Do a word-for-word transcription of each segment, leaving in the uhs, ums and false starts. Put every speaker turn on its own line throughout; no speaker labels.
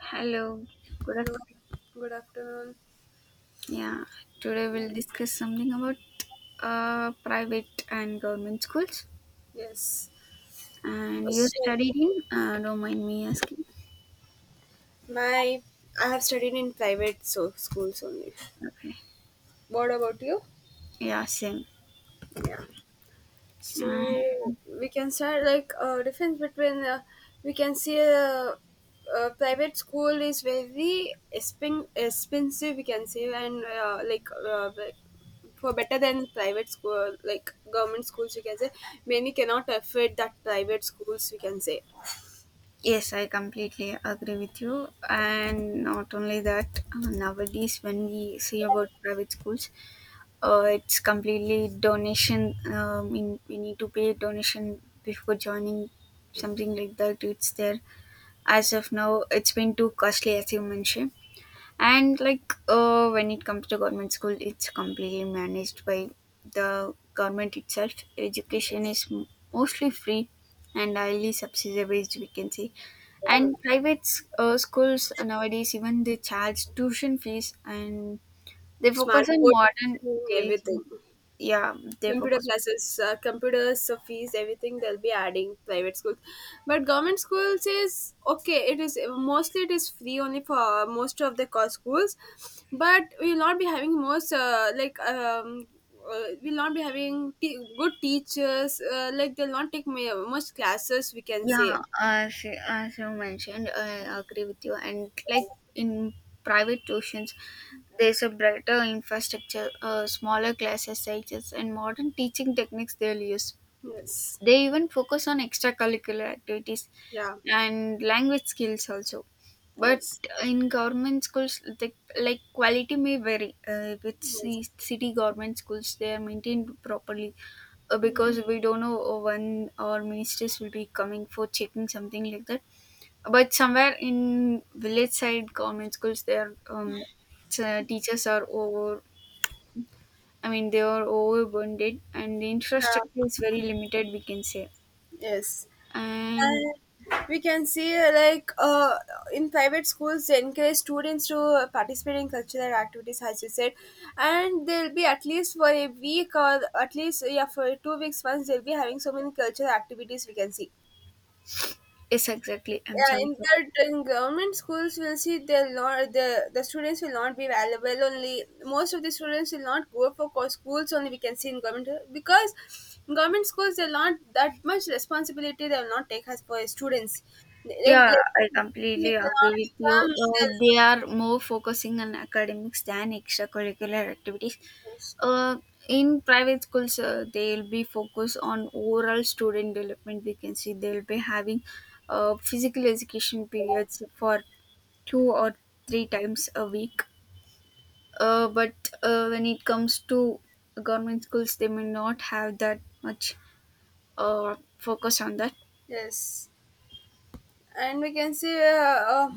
Hello, good af-
Hello, good afternoon.
yeah. Today we'll discuss something about uh, private and government schools.
Yes.
And you
So,
studied in? Uh, don't mind me asking.
my I have studied in private so schools only.
Okay.
What about you?
Yeah, same.
Yeah. So
Uh,
we can start like uh, difference between uh, we can see a, a private school is very expen- expensive we can say and uh, like uh, like for better than private school like government schools we can say many cannot afford that private schools we can say.
yes, I completely agree with you. And not only that, uh, nowadays when we see about private schools, uh, it's completely donation. Um, in, we need to pay donation before joining something like that. It's there. As of now, it's been too costly, as you mentioned. And like, uh, when it comes to government school, it's completely managed by the government itself. Education
Yes.
is m- mostly free and highly subsidized, we can say. And private s- uh, schools nowadays even they charge tuition fees, and they
Smart
focus on
board,
modern teaching.
everything.
Yeah, they
Computer
focus.
classes, uh, computers, uh, fees, everything they'll be adding private schools, but government schools is okay. It is mostly it is free only for most of the co- schools, but we'll not be having most uh, like um, uh, we'll not be having te- good teachers. Uh, like they'll not take ma- much classes, we can say.
Yeah, as as you mentioned, I agree with you. And like, in private tuitions, there's a brighter infrastructure, uh, smaller classes sizes, and modern teaching techniques they'll use.
Yes,
They even focus on extracurricular activities
yeah,
and language skills also. But
yes,
in government schools, the, like quality may vary. Uh, with
yes.
ci- city government schools, they are maintained properly, uh,
Hmm.
because we don't know uh, when our ministers will be coming for checking something like that. But somewhere in village side government schools, their um, t- teachers are over. I mean, they are overburdened, and the infrastructure is
Yeah,
very limited, we can say.
yes.
And
And we can see uh, like uh, in private schools they encourage students to uh, participate in cultural activities, as you said, and they'll be at least for a week or at least, yeah, for two weeks once, they'll be having so many cultural activities we can see.
yes, exactly. I'm
Yeah, in
sorry for that.
that, in government schools we'll see they'll not, the the students will not be available. Only most of the students will not go for co- schools, only, we can see in government. Because in government schools they're not that much responsibility, they will not take us for students. They, they would
Yeah,
like,
I
if
completely
they
agree
not
with you.
come,
Uh, they are more focusing on academics than extracurricular activities.
they'll,
Uh, in private schools, uh, they'll be focused on overall student development. We can see they'll be having uh, physical education periods for two or three times a week. Uh, but uh, when it comes to government schools, they may not have that much uh, focus on that.
yes. And we can see. Uh, uh,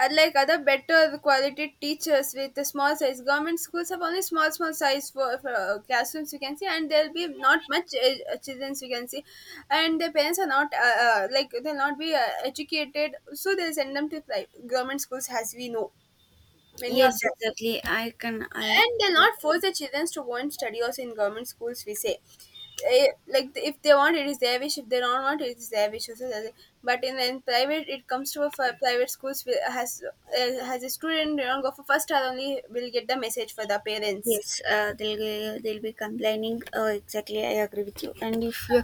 Unlike other better quality teachers with the small size, government schools have only small small size for, for uh, classrooms, you can see, and there'll be not much uh, children, you can see. And the parents are not uh, uh, like, they'll not be uh, educated, so they'll send them to like government schools, as we know, many of
Yes,
them.
exactly. I can. I
And they'll not force the children to want study also in government schools, we say. Eh, like, if they want it is their wish, if they don't want it is their wish also, does it. But in, in private, it comes to a fi- private schools will- has uh, has, a student don't go for first star only, will get the message for the parents.
Yes, uh, they'll ge- they'll be complaining. Oh, exactly, I agree with you. And if you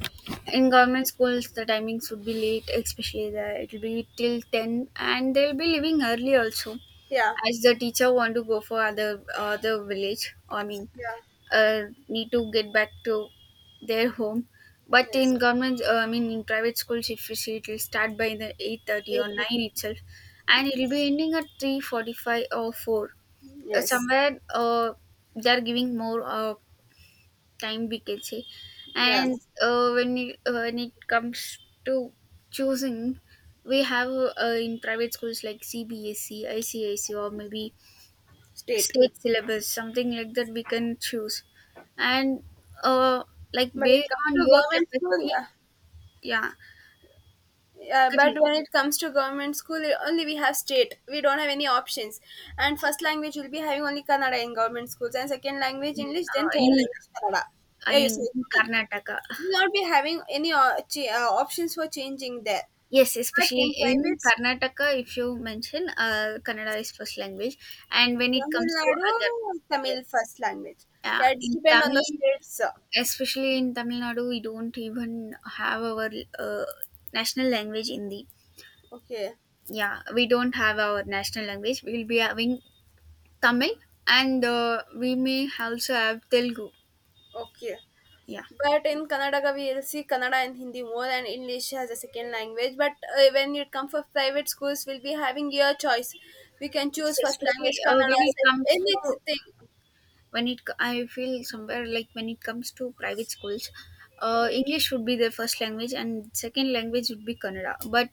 in government schools, the timing should be late, especially the it'll be till ten, and they'll be leaving early also,
Yeah.
as the teacher want to go for other other village. I mean,
Yeah.
uh, need to get back to their home. But
Yes.
in government, uh, I mean, in private schools, if you see, it'll start by the eight thirty or
It,
nine itself, and it'll be ending at three forty-five or four. Uh,
yes.
somewhere, uh, they are giving more uh, time, we can say.
Yeah.
And uh, when it, uh, when it comes to choosing, we have uh, in private schools, like C B S C, I C I S C, or maybe
State.
state syllabus, something like that, we can choose. And uh, like,
But it
based
comes
on
to
your
government school,
capacity.
yeah.
Yeah,
Yeah, but
correct.
when it comes to government school, it- only we have state, we don't have any options. And first language will be having only Kannada in government schools, and second
I
language
mean,
English, then
uh,
third
in
language Kannada.
I
Yeah, you
mean,
say
in
Hindi.
Karnataka.
We will not be having any uh, ch- uh, options for changing there.
Yes,
But
especially
in
in
private school,
Karnataka, if you mention, uh, Kannada is first language. And when it
Tamil
comes to
Nadu,
other,
Tamil
yes,
first language.
uh,
Yeah, it's
in
depend on the
Tamil,
states, uh,
especially in Tamil Nadu, we don't even have our uh, national language, Hindi.
okay.
Yeah, we don't have our national language. We'll be having Tamil, and uh, we may also have Telugu.
Okay.
Yeah,
But in Kannadaga, we'll see Kannada and Hindi more, and English as a second language. But uh, when it comes for private schools, we'll be having your choice. We can
yes,
choose first
especially
language
uh, when
Kannada,
it
sec-
comes to,
anything.
when it co- I feel somewhere, like when it comes to private schools, uh, English would be their first language and second language would be Kannada, but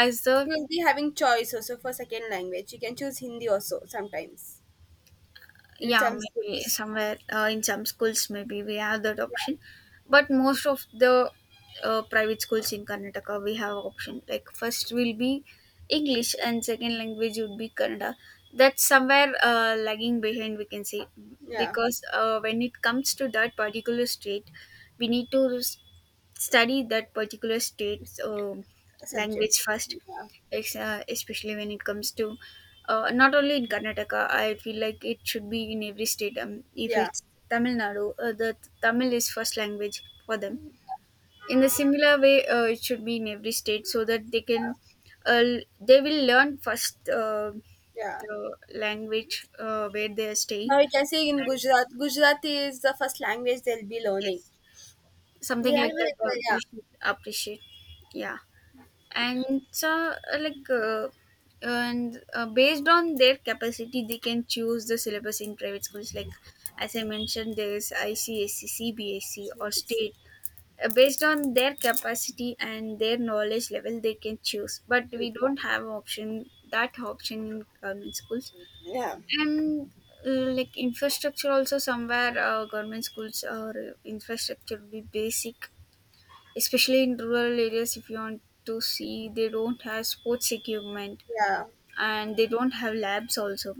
as the.
You'll be having choice also for second language. You can choose Hindi also sometimes in
Yeah,
some
maybe
schools.
somewhere, uh, in some schools, maybe we have that
Yeah,
option. But most of the uh, private schools in Karnataka, we have option, like first will be English and second language would be Kannada. That's somewhere uh, lagging behind, we can say.
yeah.
Because uh, when it comes to that particular state, we need to study that particular state's um
Subject.
language first.
Yeah,
Ex- uh, especially when it comes to, uh, not only in Karnataka. I feel like it should be in every state. Um, if
yeah,
it's Tamil Nadu, uh, the Tamil is first language for them. In the similar way, uh, it should be in every state so that they can, uh, l- they will learn first uh,
yeah.
the language, uh, where they are
Now
staying.
we can see in
And
Gujarat, Gujarati is the first language they'll be learning.
yes, something
We are,
like that, uh,
yeah,
they should appreciate. Yeah. And so, uh, like uh, and uh, based on their capacity they can choose the syllabus in private schools, like as I mentioned, there is I C S C, C B S C, or
should be-
state. Uh, based on their capacity and their knowledge level they can choose, but
should,
we
yeah,
don't have option that option in government schools.
yeah.
And uh, like, infrastructure also somewhere, uh, government schools or infrastructure will be basic, especially in rural areas. If you want to see, they don't have sports equipment,
Yeah,
and they don't have labs also.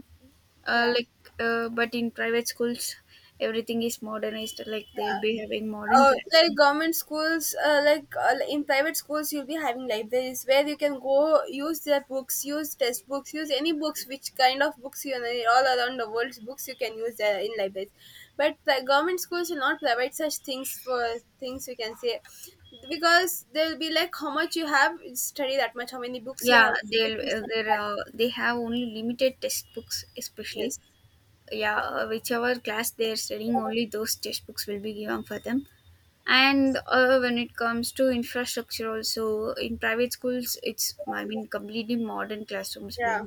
uh,
yeah,
like uh, but in private schools, everything is modernized, like
yeah.
they'll be having modern
Uh, like
classrooms.
government schools, uh, like uh, in private schools you'll be having libraries, where you can go use their books, use test books, use any books, which kind of books you know, all around the world's books you can use there in libraries. But the government schools will not provide such things for things, we can say, because they'll be like, how much you have study that much, how many books you
Yeah,
have
they'll uh,
study
they're,
that.
uh, they have only limited textbooks, especially.
Yes,
Yeah, uh, whichever class they're studying, only those textbooks will be given for them. And uh, when it comes to infrastructure also, in private schools, it's, I mean, completely modern classrooms
yeah,
will,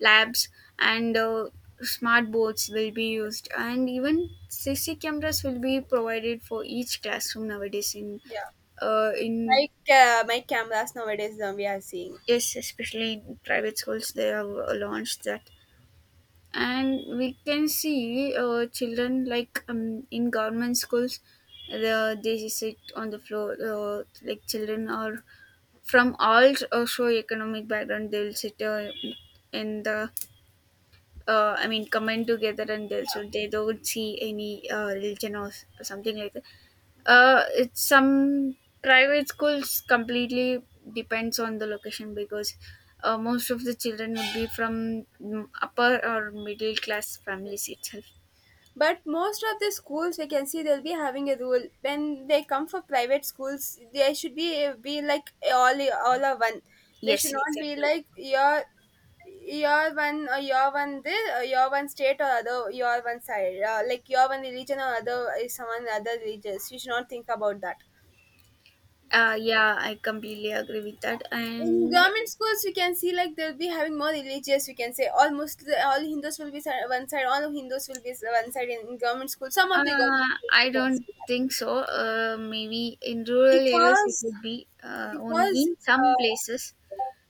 labs, and uh, smart boards will be used, and even C C cameras will be provided for each classroom nowadays, in
yeah.
uh, in
Like uh, my cameras nowadays, um, we are seeing.
yes, especially in private schools they have uh, launched that. And we can see, uh, children, like, um, in government schools, the, they sit on the floor, uh, like children are from all socio economic background, they will sit uh, in the, uh, I mean, combine together, and they, so they don't see any uh, religion or s- something like that. Uh, it's some private schools completely depends on the location, because uh, most of the children would be from mm, upper or middle class families itself.
But most of the schools we can see, they'll be having a rule when they come for private schools. They should be be like, all all are one. They should
Yes,
not be
exactly.
like your your one, or your one this, or your one state or other, your one side, uh, like your one religion or other is someone other religious. You should not think about that.
Uh, yeah, I completely agree with that,
In
and
government schools, we can see like they'll be having more religious. We can say, all Muslim, all Hindus will be si- one side, all Hindus will be s- one side in, in government schools. Some of the
uh,
government schools, we
I
can see
don't
that.
think so. Uh, maybe in rural areas it
because
would be uh, only
because
in some
uh,
places,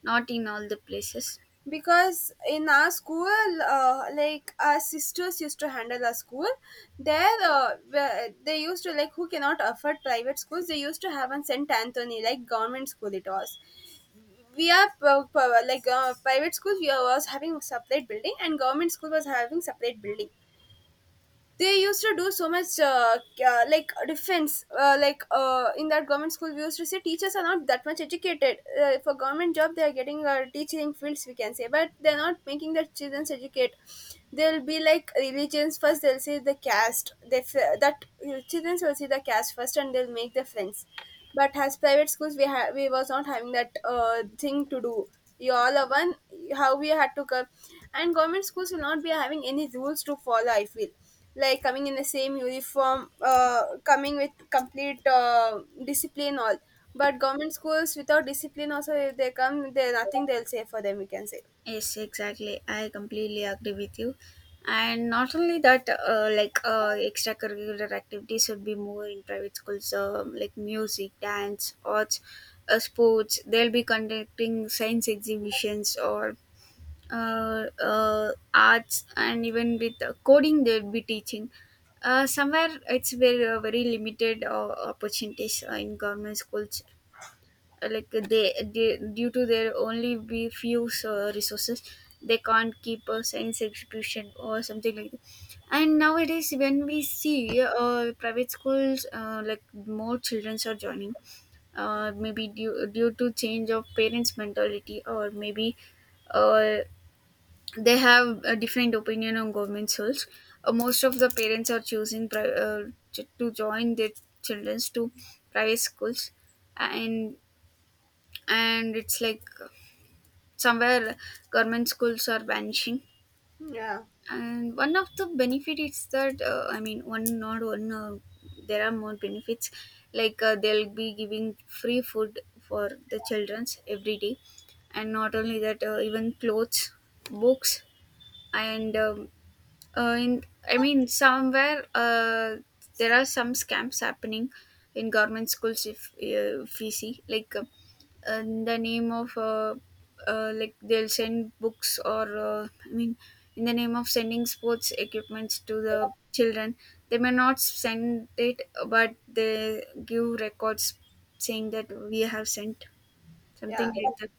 not in all the places.
because in our school, uh, like our sisters used to handle our school there, uh, where- they used to like, who cannot afford private schools, they used to have on St. Anthony like government school, it was. We are p- p- like uh, private school, we was having separate building, and government school was having separate building. They used to do so much uh, uh, like defense, uh, like uh, in that government school we used to say, teachers are not that much educated, uh, for government job they are getting, uh, teaching fields, we can say, but they're not making their children educate. They'll be like religions first, they'll say the caste, they f- that uh, children will see the caste first, and they'll make the friends. But as private schools, we ha- we was not having that uh, thing to do. You all are one, how we had to come. And government schools will not be having any rules to follow, I feel, like coming in the same uniform, uh, coming with complete uh, discipline, all. But government schools, without discipline also if they come, they nothing they'll say for them, we can say.
Yes, exactly, I completely agree with you. And not only that, uh, like uh, extracurricular activities should be more in private schools, um like music, dance, arts, uh, sports. They'll be conducting science exhibitions or uh, uh, arts, and even with uh, coding they'll be teaching. Uh, somewhere it's very, uh, very limited, uh, opportunities, uh, in government schools. Uh, like they, they due to their only be few so resources, they can't keep a science exhibition or something like that. And nowadays when we see, uh, private schools, uh, like more children are joining. Uh, maybe due, due to change of parents mentality, or maybe uh, they have a different opinion on government schools. Uh, most of the parents are choosing pri- uh, ch- to join their children to private schools. And and it's like somewhere government schools are vanishing.
Hmm, yeah.
And one of the benefit is that, uh, I mean, one not one, uh, there are more benefits. Like, uh, they'll be giving free food for the childrens every day. And not only that, uh, even clothes, books, and um, uh, in I mean somewhere, uh, there are some scams happening in government schools. If, uh, if we see, like, uh, in the name of, uh, uh, like they'll send books, or uh, I mean, in the name of sending sports equipments to the children, they may not send it, but they give records saying that we have sent,
Yeah,
something like that.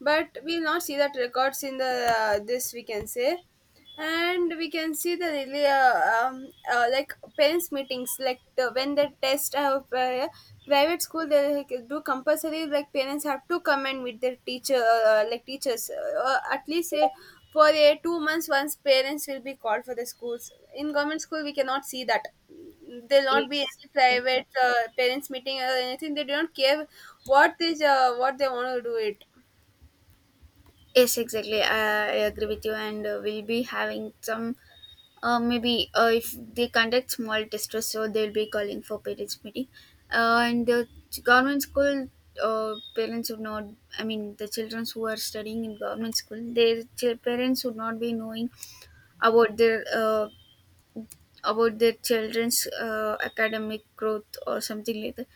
but we'll not see that records in the uh, this, we can say. And we can see the really uh, um, uh, like parents meetings, like the, when the test uh, pri- private school, they like, do compulsory like, parents have to come and meet their teacher, uh, uh, like teachers, uh, at least uh, for a two months once, parents will be called for the schools. In government school we cannot see that, there'll not be
Yes,
any private
exactly.
uh, parents meeting or anything, they don't care what is uh, what they want to do it.
Yes, exactly, i I agree with you. And uh, we'll be having some. Uh, maybe uh, if they conduct small distress, so they'll be calling for parents meeting. Uh, and the ch- government school uh, parents would not. I mean, the children who are studying in government school, their ch- parents would not be knowing about their, uh, about their children's uh, academic growth or something like that.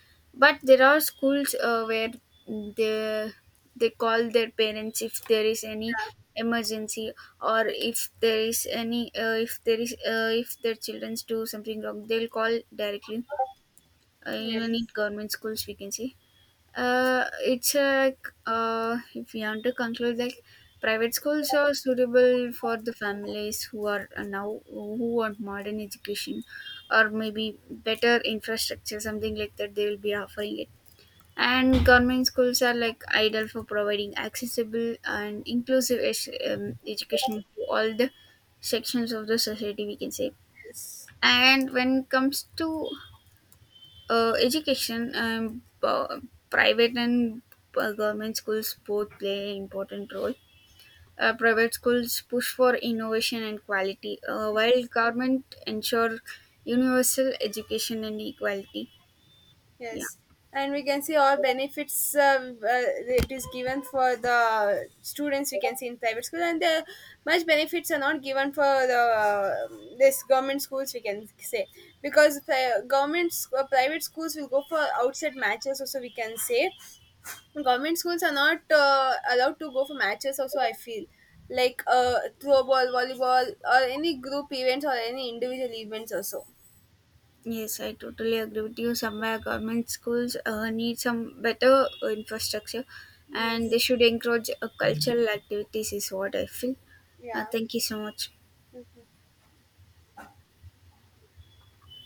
But there are schools, uh, where they they call their parents if there is any emergency, or if there is any, uh, if there is uh, if their children do something wrong, they'll call directly, uh, even in
Yes,
government schools we can see. Uh, it's like, uh, if we want to conclude, like private schools are suitable for the families who are, uh, now who want modern education, or maybe better infrastructure, something like that, they will be offering it. And government schools are like ideal for providing accessible and inclusive, es- um, education to all the sections of the society, we can say.
yes,
And when it comes to uh, education, um, p- private and uh, government schools both play an important role. Uh, private schools push for innovation and quality, uh, while government ensure universal education and equality. Yeah.
yes. And we can see all benefits, uh, uh, it is given for the students, we can see in private school. And the much benefits are not given for the uh, this government schools, we can say, because uh, government sc- uh, private schools will go for outside matches also, we can say. Government schools are not uh, allowed to go for matches also, I feel, like uh, throw ball, volleyball, or any group events or any individual events also.
Yes, I totally agree with you. Somewhere government schools uh, need some better infrastructure, and
Yes,
they should encourage uh, cultural activities, is what I feel. Uh,
yeah.
thank you so much.
Yes.